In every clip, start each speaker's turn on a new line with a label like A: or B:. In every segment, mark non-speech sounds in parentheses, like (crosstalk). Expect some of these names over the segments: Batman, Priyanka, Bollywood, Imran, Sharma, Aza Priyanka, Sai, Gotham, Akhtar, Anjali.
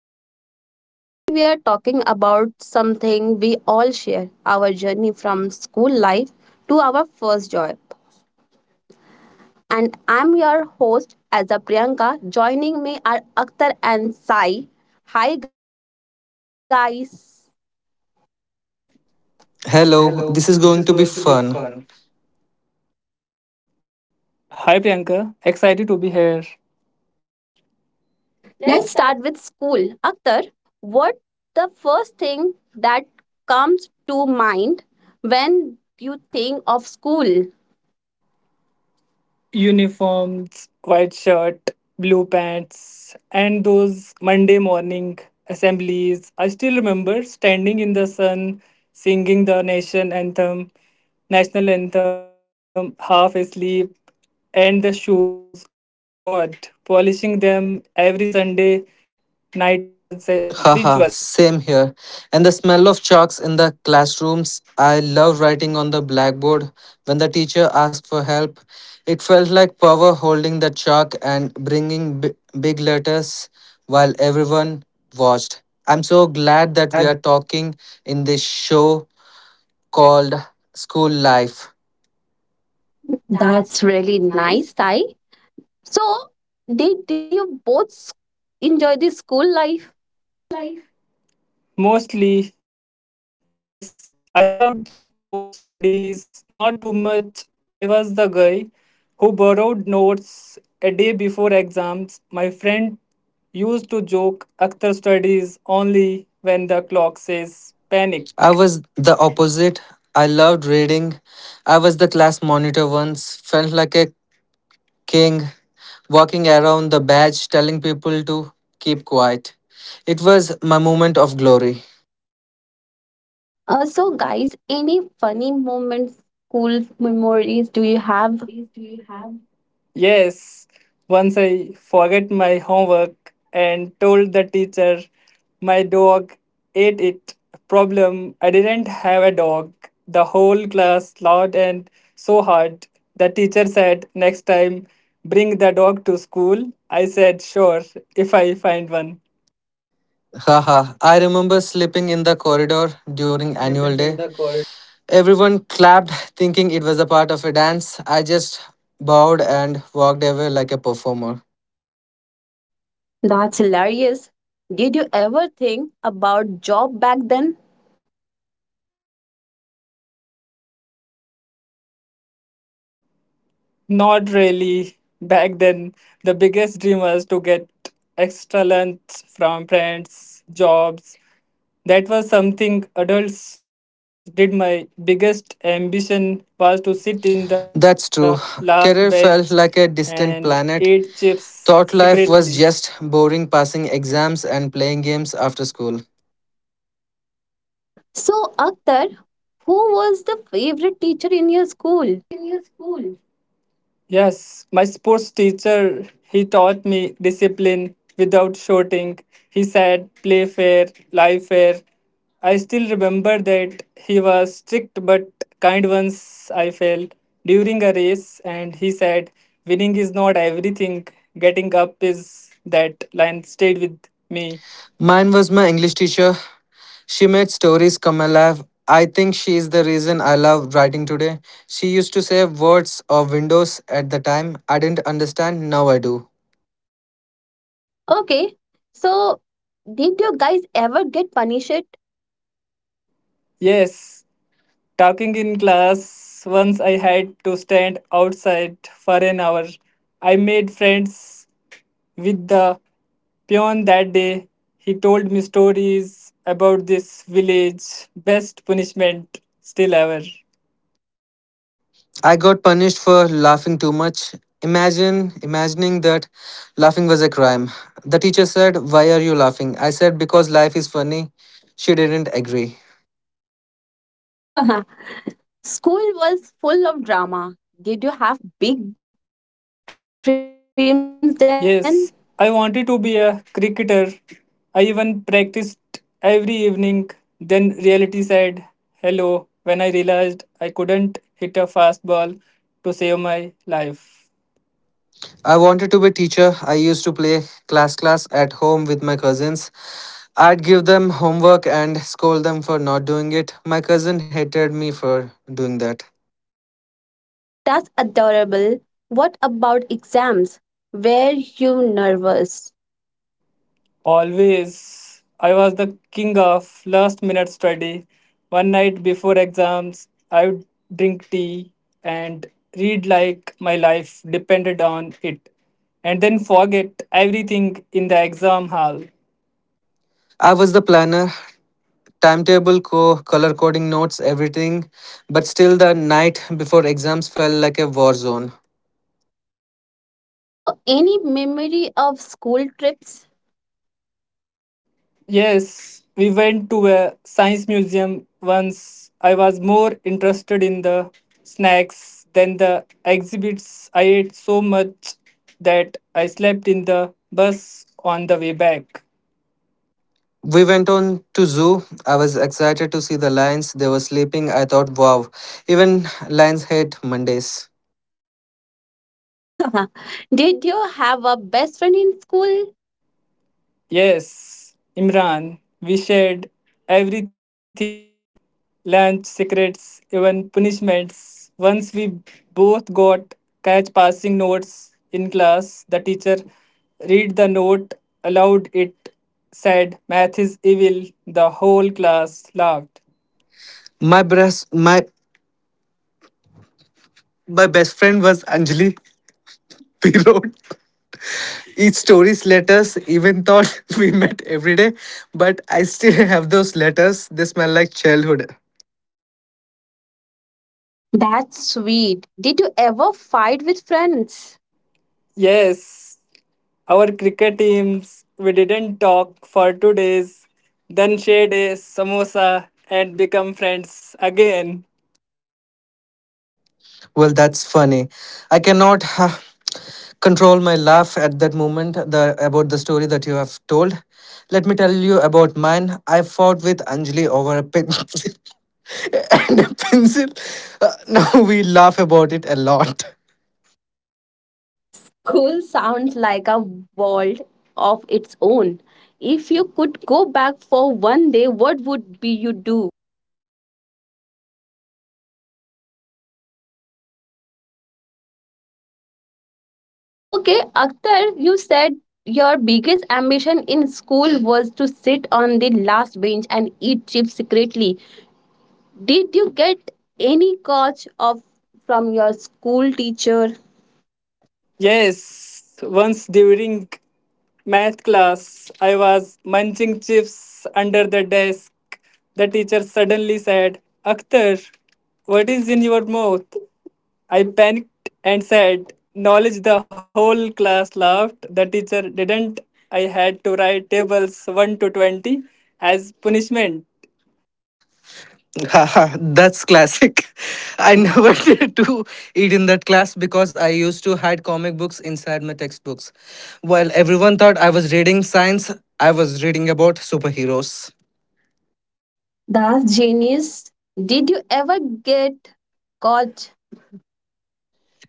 A: Live Talk. Today we are talking about something we all share, our journey from school life to our first job. And I'm your host, Aza Priyanka. Joining me are Akhtar and Sai. Hi, guys.
B: Hello, this is
C: Hello,
B: going to
C: this
B: be
C: is going to be
B: fun.
C: fun. Hi Priyanka, excited to be here.
A: Let's start with
C: Let's start.
A: school. Akhtar, what the first thing that comes to mind when you think of school?
C: Uniforms, white shirt, blue pants, and those Monday morning assemblies. I still remember standing in the sun, singing the national anthem, half asleep, and the shoes. Oh my god, polishing them every Sunday night was a ritual.
B: Haha, same here. And the smell of chalks in the classrooms. I love writing on the blackboard. When the teacher asked for help, it felt like power holding the chalk and bringing big letters while everyone watched. I'm
A: I'm
B: so
A: so glad.
B: glad that we are talking in this show called School Life.
A: That's really nice, Sai. So, did you both enjoy the school life?
C: Mostly, yes. I loved sports, studies, not too much. I was the guy who borrowed notes a day before exams. My friend used to joke, "Akhtar studies only when the clock says panic."
B: I was the opposite. I loved reading. I was the class monitor once, felt like a king walking around the badge telling people to keep quiet. It was my moment of glory.
A: So, guys, any funny moments, school memories do you have?
C: Yes, once I forget my homework and told the teacher my dog ate it. Problem, I didn't have a dog. The whole class laughed and so hard. The teacher said, "Next time, bring the dog to school." I said, "Sure, if I find one."
B: Haha, I remember sleeping in the corridor during annual
C: Sleeping
B: day.
C: in the corridor.
B: Everyone clapped, thinking it was a part of a dance. I just bowed and walked away like a performer.
A: That's hilarious. Did you ever think about job back then?
C: Not really. Back then, the biggest dream was to get extra lunch from friends. Jobs, that was something adults did. My biggest ambition was to sit in the last bench
B: That's true.
C: and eat chips
B: Career felt like a
C: secretly.
B: distant planet. Thought life was just boring passing exams and playing games after school.
A: So, Akhtar, who was the favorite teacher in your school?
C: Yes, my sports teacher, he taught me discipline without shouting. He said, "Play fair, life fair." I still remember that he was strict but kind. Once I failed during a race, and he said, "Winning is not everything, getting up is." That line stayed with me.
B: Mine was my English teacher. She made stories come alive. I think she is the reason I love writing today. She used to say words or windows at the time. I didn't understand, now I do.
A: Okay, so did you guys ever get punished?
C: Yes, talking in class, once I had to stand outside for an hour. I made friends with the Beyond that day, he told me stories about this village, best punishment still ever.
B: I got punished for laughing too much. Imagine imagining that laughing was a crime. The teacher said, "Why are you laughing?" I said, "Because life is funny." She didn't agree.
A: (laughs) School was full of drama. Did you have big dreams then?
C: Yes, I wanted to be a cricketer. I even practiced every evening. Then reality said hello when I realized I couldn't hit a fastball to save my life.
B: I wanted to be a teacher. I used to play class at home with my cousins. I'd give them homework and scold them for not doing it. My cousin hated me for doing that.
A: That's adorable. What about exams? Were you nervous?
C: Always. I was the king of last minute study. One night before exams, I would drink tea and read like my life depended on it, and then forget everything in the exam hall.
B: I was the planner, timetable, color coding notes, everything, but still the night before exams felt like a war zone.
A: So, any memory of school trips?
C: Yes, we went to a science museum once. I was more interested in the snacks than the exhibits. I ate so much that I slept in the bus on the way back.
B: We went on to zoo. I was excited to see the lions. They were sleeping. I thought, wow, even lions hate Mondays.
A: (laughs) Did you have a best friend in school?
C: Yes, Imran, we shared everything lunch, secrets, even punishments. Once we both got catch passing notes in class, the teacher read the note aloud. It said, "Math is evil." The whole class laughed.
B: My best, my my best friend was Anjali. (laughs) We rode each story's letters, even thought (laughs) we met every day, but I still have those letters. They smell like childhood.
A: That's sweet. Did you ever fight with friends?
C: Yes, our cricket teams, we didn't talk for 2 days, then shared a samosa and become friends again.
B: Well, that's funny. I cannot control my laugh at that moment about the story that you have told. Let me tell you about mine. I fought with Anjali over a pencil (laughs) and a pencil. (laughs) Now we laugh about it a lot.
A: School sounds like a world of its own. If you could go back for one day, what would be you do? So, okay, Akhtar, you said your biggest ambition in school was to sit on the last bench and eat chips secretly. Did you get any coach of from your school teacher?
C: Yes, once during math class, I was munching chips under the desk. The teacher suddenly said, "Akhtar, what is in your mouth?" I panicked and said, "Knowledge." The whole class laughed. The teacher didn't. I had to write tables 1 to 20 as punishment.
B: (laughs) Haha, that's classic. (laughs) I never (laughs) did to eat in that class because I used to hide comic books inside my textbooks. While everyone thought I was reading science, I was reading about superheroes.
A: That's genius. Did you ever get coach?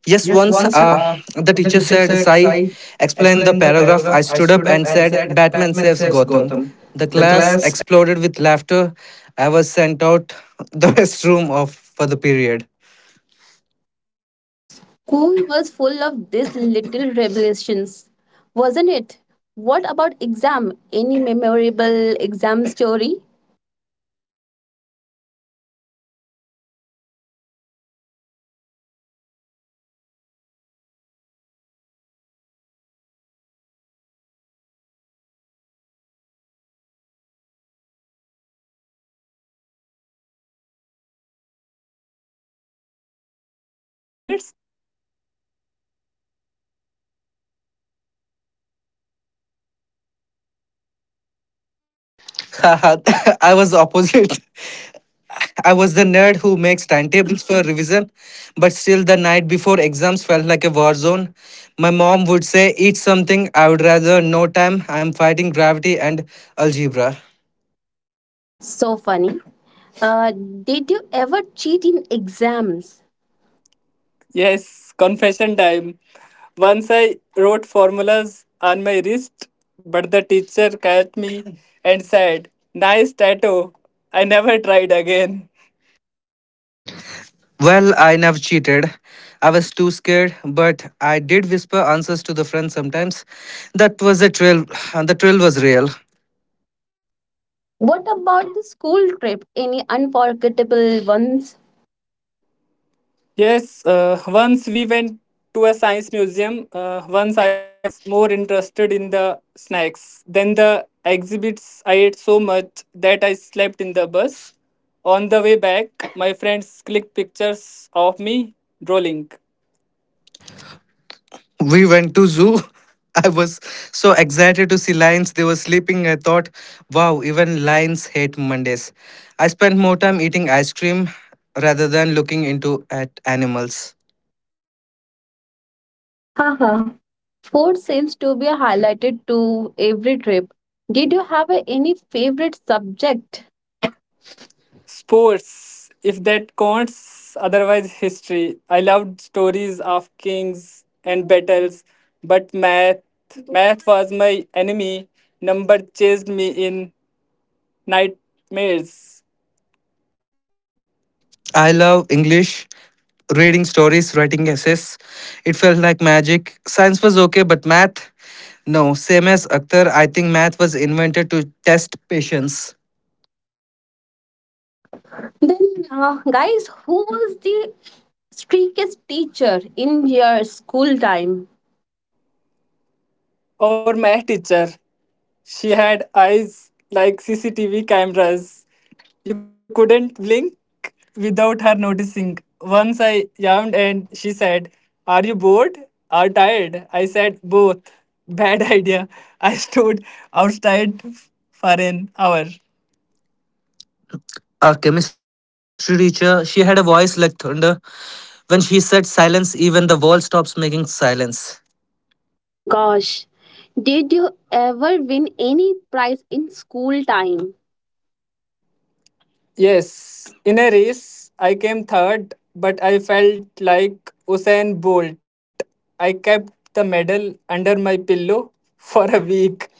B: Yes,
A: Yes,
B: once
A: once
B: the
A: the
B: teacher
A: teacher
B: said,
A: said,
B: Sai,
A: Sai,
B: explain the
A: explain the
B: paragraph. I
A: paragraph. I
B: stood up
A: stood up
B: and
A: and
B: said,
A: said,
B: Batman
A: Batman
B: saves
A: saves
B: Gotham.
A: Gotham.
B: The
A: The
B: class
A: class.
B: exploded with laughter. I was sent out (laughs) the best room of for the period.
A: School was full of these little revelations, wasn't it? What about exam? Any memorable exam story?
C: Oh, exams were like horror movies for me. One time I studied the wrong chapter for science. I walked into the hall confident, opened the paper, and (laughs) thought, "Who wrote this? This is not my syllabus." I started at the paper for 10 minutes, then wrote a poem about science. The teacher gave me half a mark of (laughs) creativity.
B: (laughs) Haha, I was opposite. I was the nerd who makes timetables for revision, but still the night before exams felt like a war zone. My mom would say, Eat something, I would rather no time, I'm fighting gravity and algebra.
A: So funny. Uh, did you ever cheat in exams?
C: Yes, confession time. Once I wrote formulas on my wrist, but the teacher caught me and said, "Nice tattoo." I never tried again.
B: Well, I never cheated. I was too scared, but I did whisper answers to the friends sometimes. That was a thrill, (sighs) and the thrill was real.
A: What about the school trip? Any unforgettable ones?
C: Yes, once we went to a science museum. Once I was more interested in the snacks than the exhibits. I ate so much that I slept in the bus. On the way back, my friends clicked pictures of me drooling.
B: We went to zoo. (laughs) I was so excited to see lions. They were sleeping. I thought, wow, even lions hate Mondays. I spent more time eating ice cream rather than looking into at animals.
A: Haha. Food seems to be highlighted to every trip. Did you have any favorite subject?
C: Sports, if that counts, otherwise history. I loved stories of kings and battles, but math was my enemy. Number chased me in nightmares.
B: I love English, reading stories, writing essays. It felt like magic. Science was okay, but math, no. Same as Akhtar, I think math was invented to test patience.
A: Then, guys, who was the streakiest teacher in your school time?
C: Our math teacher, she had eyes like CCTV cameras. You couldn't blink without her noticing. Once I yawned and she said, "Are you bored or tired?" I said, "Both." (laughs) Bad idea. I stood outside for an hour.
B: Our chemistry teacher, she had a voice like thunder. When she said silence, even the world stops making silence.
A: Gosh, did you ever win any prize in school time?
C: Yes, in a race, I came third, but I felt like Usain Bolt. I kept the medal under my pillow (laughs) for a week.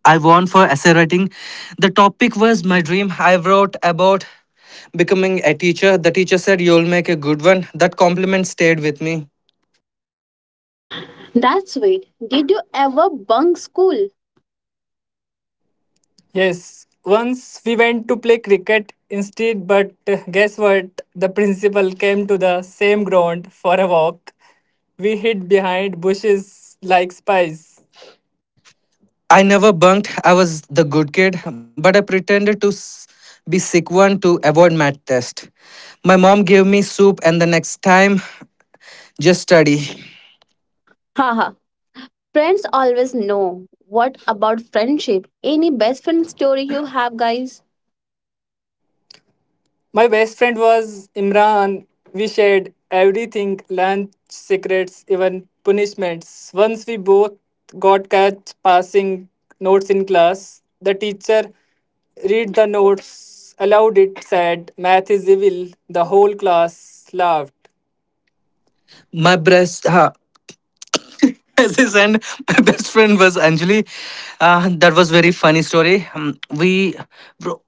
B: I won for essay writing. The topic was my dream. I wrote about becoming a teacher. The teacher said, You'll make a good one. That compliment stayed with me.
A: That's it. Did you ever bunk school?
C: Yes, once we went to play cricket instead, but guess what? The principal came to the same ground for a walk. We hid behind bushes like spies.
B: I never bunked. I was the good kid, but I pretended to be sick one to avoid math test. My mom gave me soup, and the next time, just study.
A: Haha. Friends always know. What about friendship? Any best friend story you have, guys?
C: My best friend was Imran. We shared everything lunch, secrets, even punishments. Once we both got catch passing notes in class, the teacher read the notes aloud. It said, "Math is evil." The whole class laughed.
B: My breast. Ha. Yes, yes, and my best friend was Anjali. That was very funny story. We wro-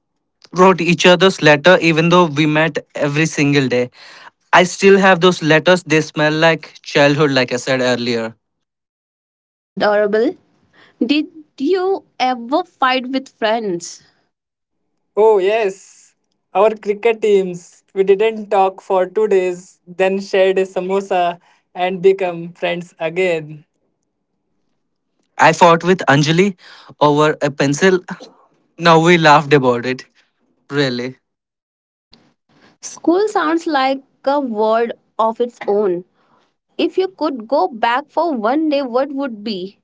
B: wrote each other's letter, even though we met every single day. I still have those letters. They smell like childhood, like I said earlier.
A: That's adorable. Did you ever fight with friends?
C: Oh, yes. Our cricket teams. We didn't talk for 2 days, then shared a samosa and become friends again.
B: I fought with Anjali over a pencil. Now we laughed about it. Really.
A: School sounds like a world of its own. If you could go back for one day, what would be?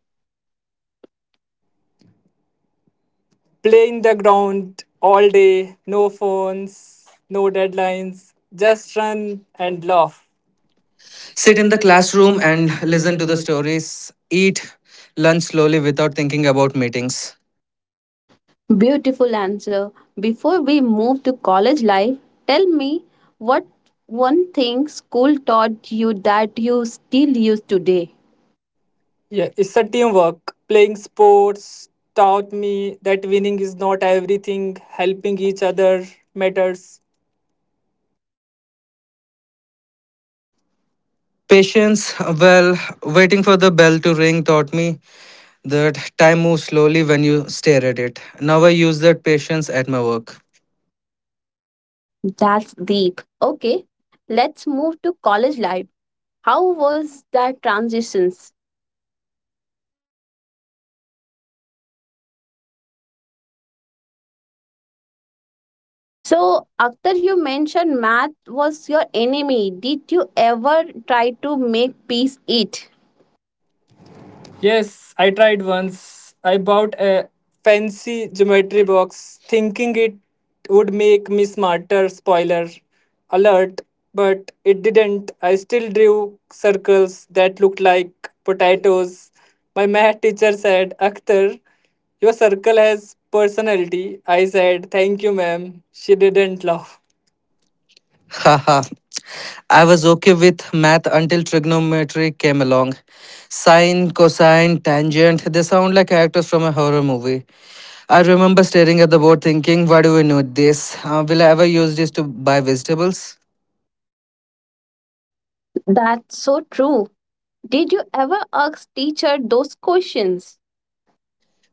C: Playing the ground all day, no phones, no deadlines, just run and laugh.
B: Sit
C: Sit
B: in
C: in
B: the
C: the
B: classroom
C: classroom
B: and
C: and
B: listen
C: listen
B: to
C: to
B: the
C: the.
B: stories. Eat lunch slowly without thinking about meetings.
A: Beautiful answer. Before we move to college life, tell me what one thing school taught you that you still use today.
C: Yeah, it's a teamwork. Playing sports taught me that winning is not everything, helping each other matters.
B: Patience, well, waiting for the bell to ring taught me that time moves slowly when you stare at it. Now I use that patience at my work.
A: That's deep. Okay, let's move to college life. How was that transitions? So, after you mentioned math was your enemy, did you ever try to make peace it?
C: Yes, I tried once. I bought a fancy geometry box thinking it would make me smarter, spoiler alert, but it didn't. I still drew circles that looked like potatoes. My math teacher said, "Akhtar, your circle has personality." I said, "Thank you, ma'am." She didn't laugh.
B: Haha, I was okay with math until trigonometry came along. Sine, cosine, tangent, they sound like characters from a horror movie. I remember staring at the board thinking, why do we need this? Will I ever use this to buy vegetables?
A: That's so true. Did you ever ask teacher those questions?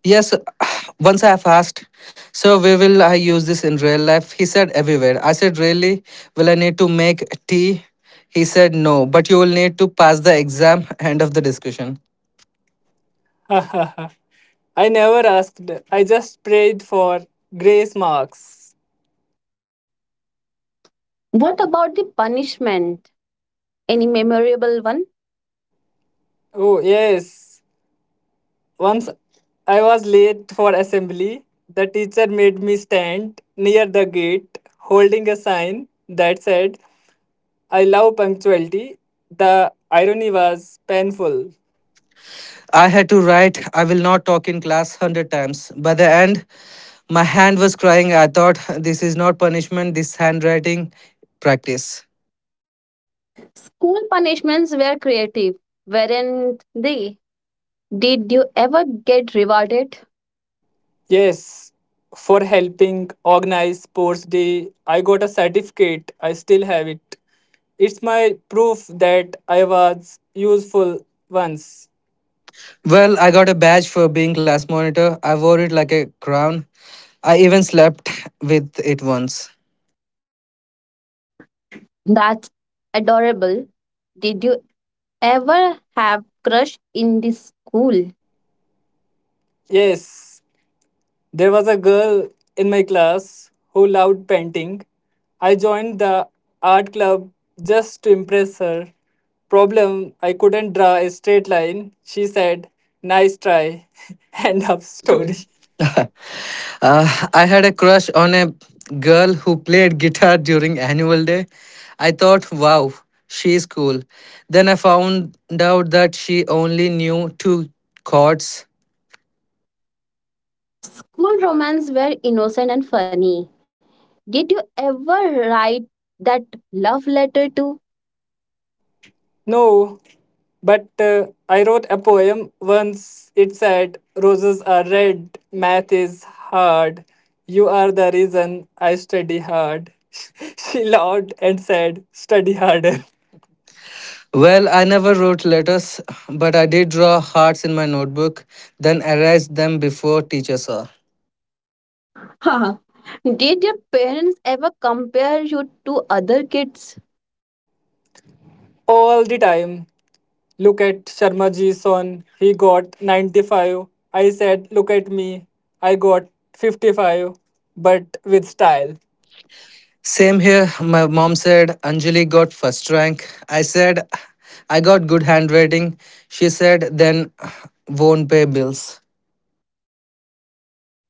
B: Yes, (sighs) once I've asked, so where will I use this in real life? He said, everywhere. I said, really? Will I need to make tea? He said, no, but you will need to pass the exam. (laughs) End of the discussion.
C: (laughs) I never asked. I just prayed for grace marks.
A: What about the punishment? Any memorable one?
C: Oh, yes. Once I was late for assembly. The teacher made me stand near the gate holding a sign that said, "I love punctuality." The irony was painful.
B: I had to write, I will not talk in class 100 times. By the end, my hand was crying. I thought, this is not punishment, this handwriting practice.
A: School punishments were creative, weren't they? Did you ever get rewarded?
C: Yes, for helping organize sports day, I got a certificate. I still have it. It's my proof that I was useful once.
B: Well, I got a badge for being class monitor. I wore it like a crown. I even slept with it once.
A: That's adorable. Did you ever have crush in the school?
C: Yes. There was a girl in my class who loved painting. I joined the art club just to impress her. Problem I couldn't draw a straight line. She said, "Nice try." (laughs) End of story.
B: (laughs) I had a crush on a girl who played guitar during annual day. I thought, wow, she's cool. Then I found out that she only knew two chords.
A: School romance were innocent and funny. Did you ever write that love letter to?
C: No, but I wrote a poem once. It said, "Roses are red, math is hard. You are the reason I study hard." (laughs) She laughed and said, "Study harder." (laughs)
B: Well, I never wrote letters, but I did draw hearts in my notebook, then erased them before teacher saw.
A: (laughs) Did your parents ever compare you to other kids?
C: All the time. "Look at Sharma ji son, he got 95." I said, "Look at me, I got 55, but with style."
B: Same here, my mom said Anjali got first rank. I said I got good handwriting. She said then won't pay bills.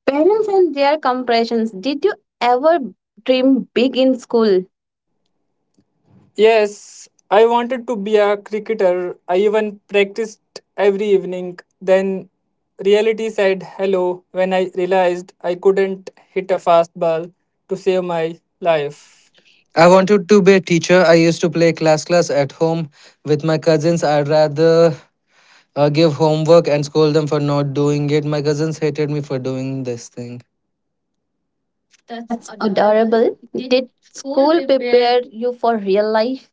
A: Parents and their comparisons. Did you ever dream big in school?
C: Yes, I wanted to be a cricketer. I even practiced every evening. Then reality said hello when I realized I couldn't hit a fastball to save my life.
B: I wanted to be a teacher. I used to play class at home with my cousins. I'd rather give homework and scold them for not doing it. My cousins hated me for doing this thing.
A: That's adorable. Did school prepare you for real life?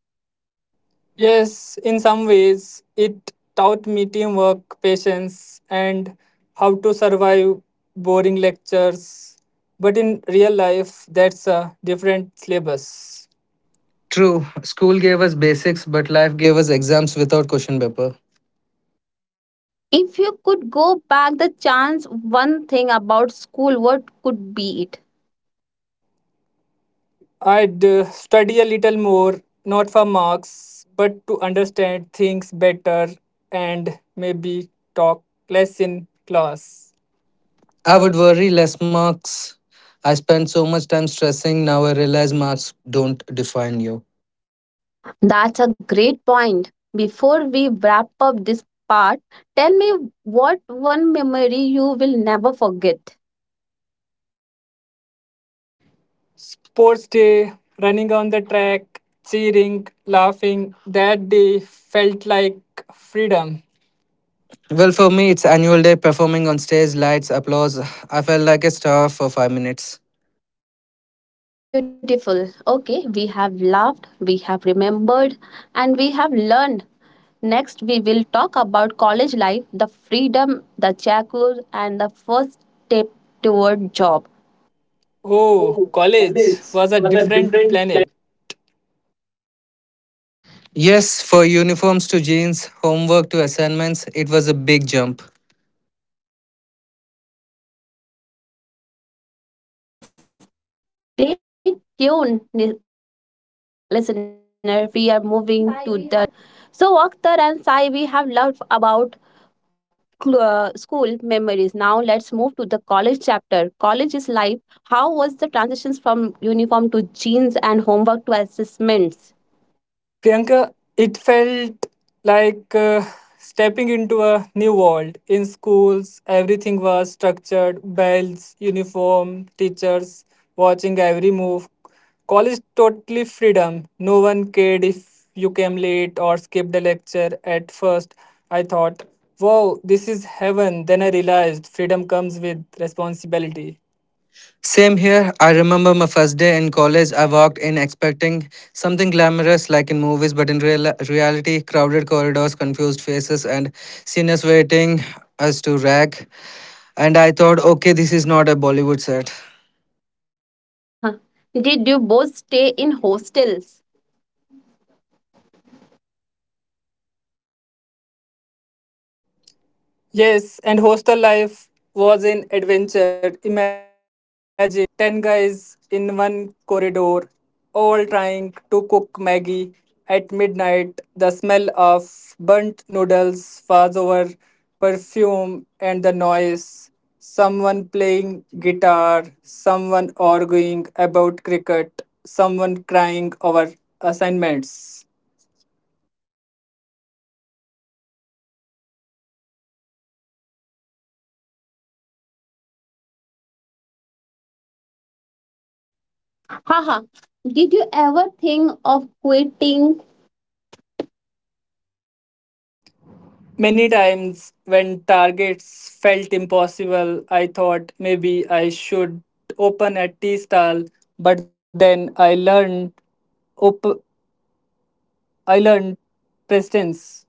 C: Yes, in some ways, it taught me teamwork, patience, and how to survive boring lectures. But in real life, that's a different syllabus.
B: True, school gave us basics, but life gave us exams without question paper.
A: If you could go back the chance one thing about school, what could be it?
C: I'd study a little more, not for marks, but to understand things better and maybe talk less in class.
B: I would worry less marks. I spent so much time stressing. Now I realize marks don't define you.
A: That's a great point. Before we wrap up this part, tell me what one memory you will never forget.
C: Sports day, running on the track, cheering, laughing, that day felt like freedom.
B: Well, for me, it's annual day performing on stage, lights, applause. I felt like a star for 5 minutes.
A: Beautiful. Okay, we have laughed, we have remembered, and we have learned. Next, we will talk about college life, the freedom, the shackles, and the first step toward job.
C: Oh,
A: Oh,
C: college
A: college
C: was a
A: was a
C: different
A: different.
C: planet.
B: Yes, for uniforms to jeans, homework to assignments, it was a big jump.
A: Stay tuned, listener. We are moving to the from classroom to campus in the next part. So, Akhtar and Sai, we have loved about school memories. Now let's move to the college chapter. College is life. How was the transitions from uniform to jeans and homework to assessments?
C: Priyanka, it felt like stepping into a new world. In schools, everything was structured bells, uniform, teachers watching every move. College totally freedom. No one cared if you came late or skipped a lecture. At first, I thought, wow, this is heaven. Then I realized freedom comes with responsibility.
B: Same here, I remember my first day in college. I walked in expecting something glamorous like in movies, but in reality, crowded corridors, confused faces, and seniors waiting us to rag. And I thought, okay, this is not a Bollywood set.
A: Haha. Did you both stay in hostels?
C: Yes, and hostel life was an adventure. Imagine 10 guys in one corridor, all trying to cook Maggie at midnight. The smell of burnt noodles, fuzz over perfume, and the noise. Someone playing guitar, someone arguing about cricket, someone crying over assignments.
A: Haha. Did you ever think of quitting?
C: Many times when targets felt impossible, I thought maybe I should open a tea stall, but then I learned op- I learned presence.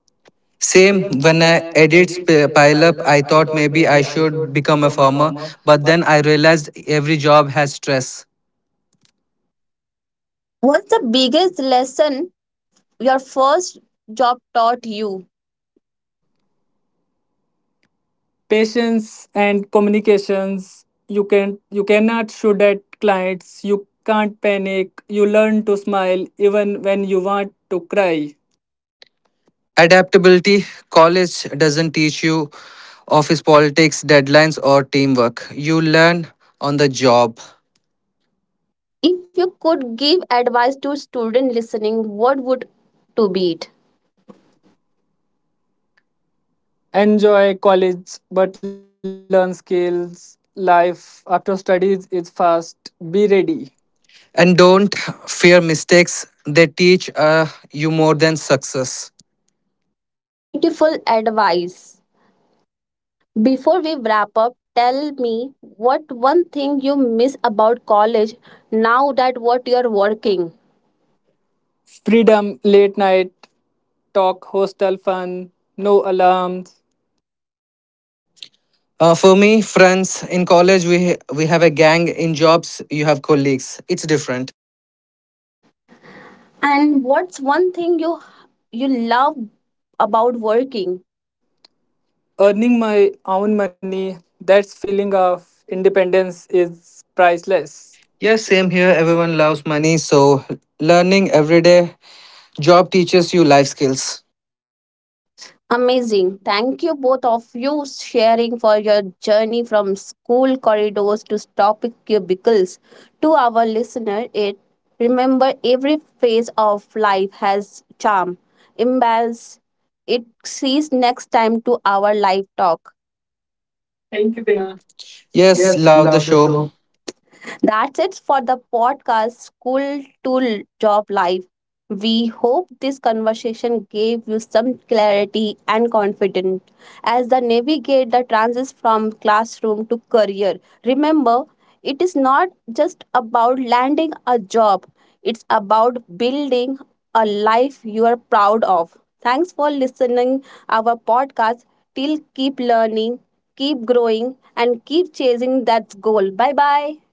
B: Same
C: Same
B: when
C: when
B: I
C: I
B: edits
C: edits
B: pile
C: pile
B: up,
C: up,
B: I
C: I
B: thought
C: thought
B: maybe
C: maybe
B: I
C: I
B: should
C: should
B: become a
C: become a
B: farmer,
C: farmer,
B: but
C: but
B: then I realized every job has stress.
A: What's the biggest lesson your first job taught you?
C: patience and communications. You cannot shoot at clients. You can't panic. You learn to smile even when you want to cry.
B: Adaptability. College doesn't teach you office politics, deadlines, or teamwork. You learn on the job.
A: If you could give advice to student listening, what would to be it?
C: Enjoy college but learn skills. Life after studies is fast, be ready.
B: And don't fear mistakes, they teach you more than success.
A: Beautiful advice. Before we wrap up, tell me what one thing you miss about college now that what you're working
C: Freedom, late night talk, hostel fun, no alarms.
B: For me, friends, in college we have a gang, in jobs, you have colleagues. It's different.
A: and what's one thing you you love about working.
C: Earning my own money, that feeling of independence is priceless.
B: Yes, same here. Everyone loves money, so learning every day. Job teaches you life skills.
A: Amazing. Thank you both of you sharing for your journey from school corridors to topic cubicles. To our listener, it remember every phase of life has charm. Embrace it sees next time to our live talk.
C: Thank
A: Thank
C: you
A: you, Pink.
C: Priyanka.
B: Yes,
A: Yes,
B: love the
A: love the
B: show.
A: show. That's it for the podcast School to Job Life. We hope this conversation gave you some clarity and confidence as they navigate the transition from classroom to career. Remember, it is not just about landing a job, it's about building a life you are proud of. Thanks for listening our podcast. Till keep learning, keep growing and keep chasing that goal. Bye bye.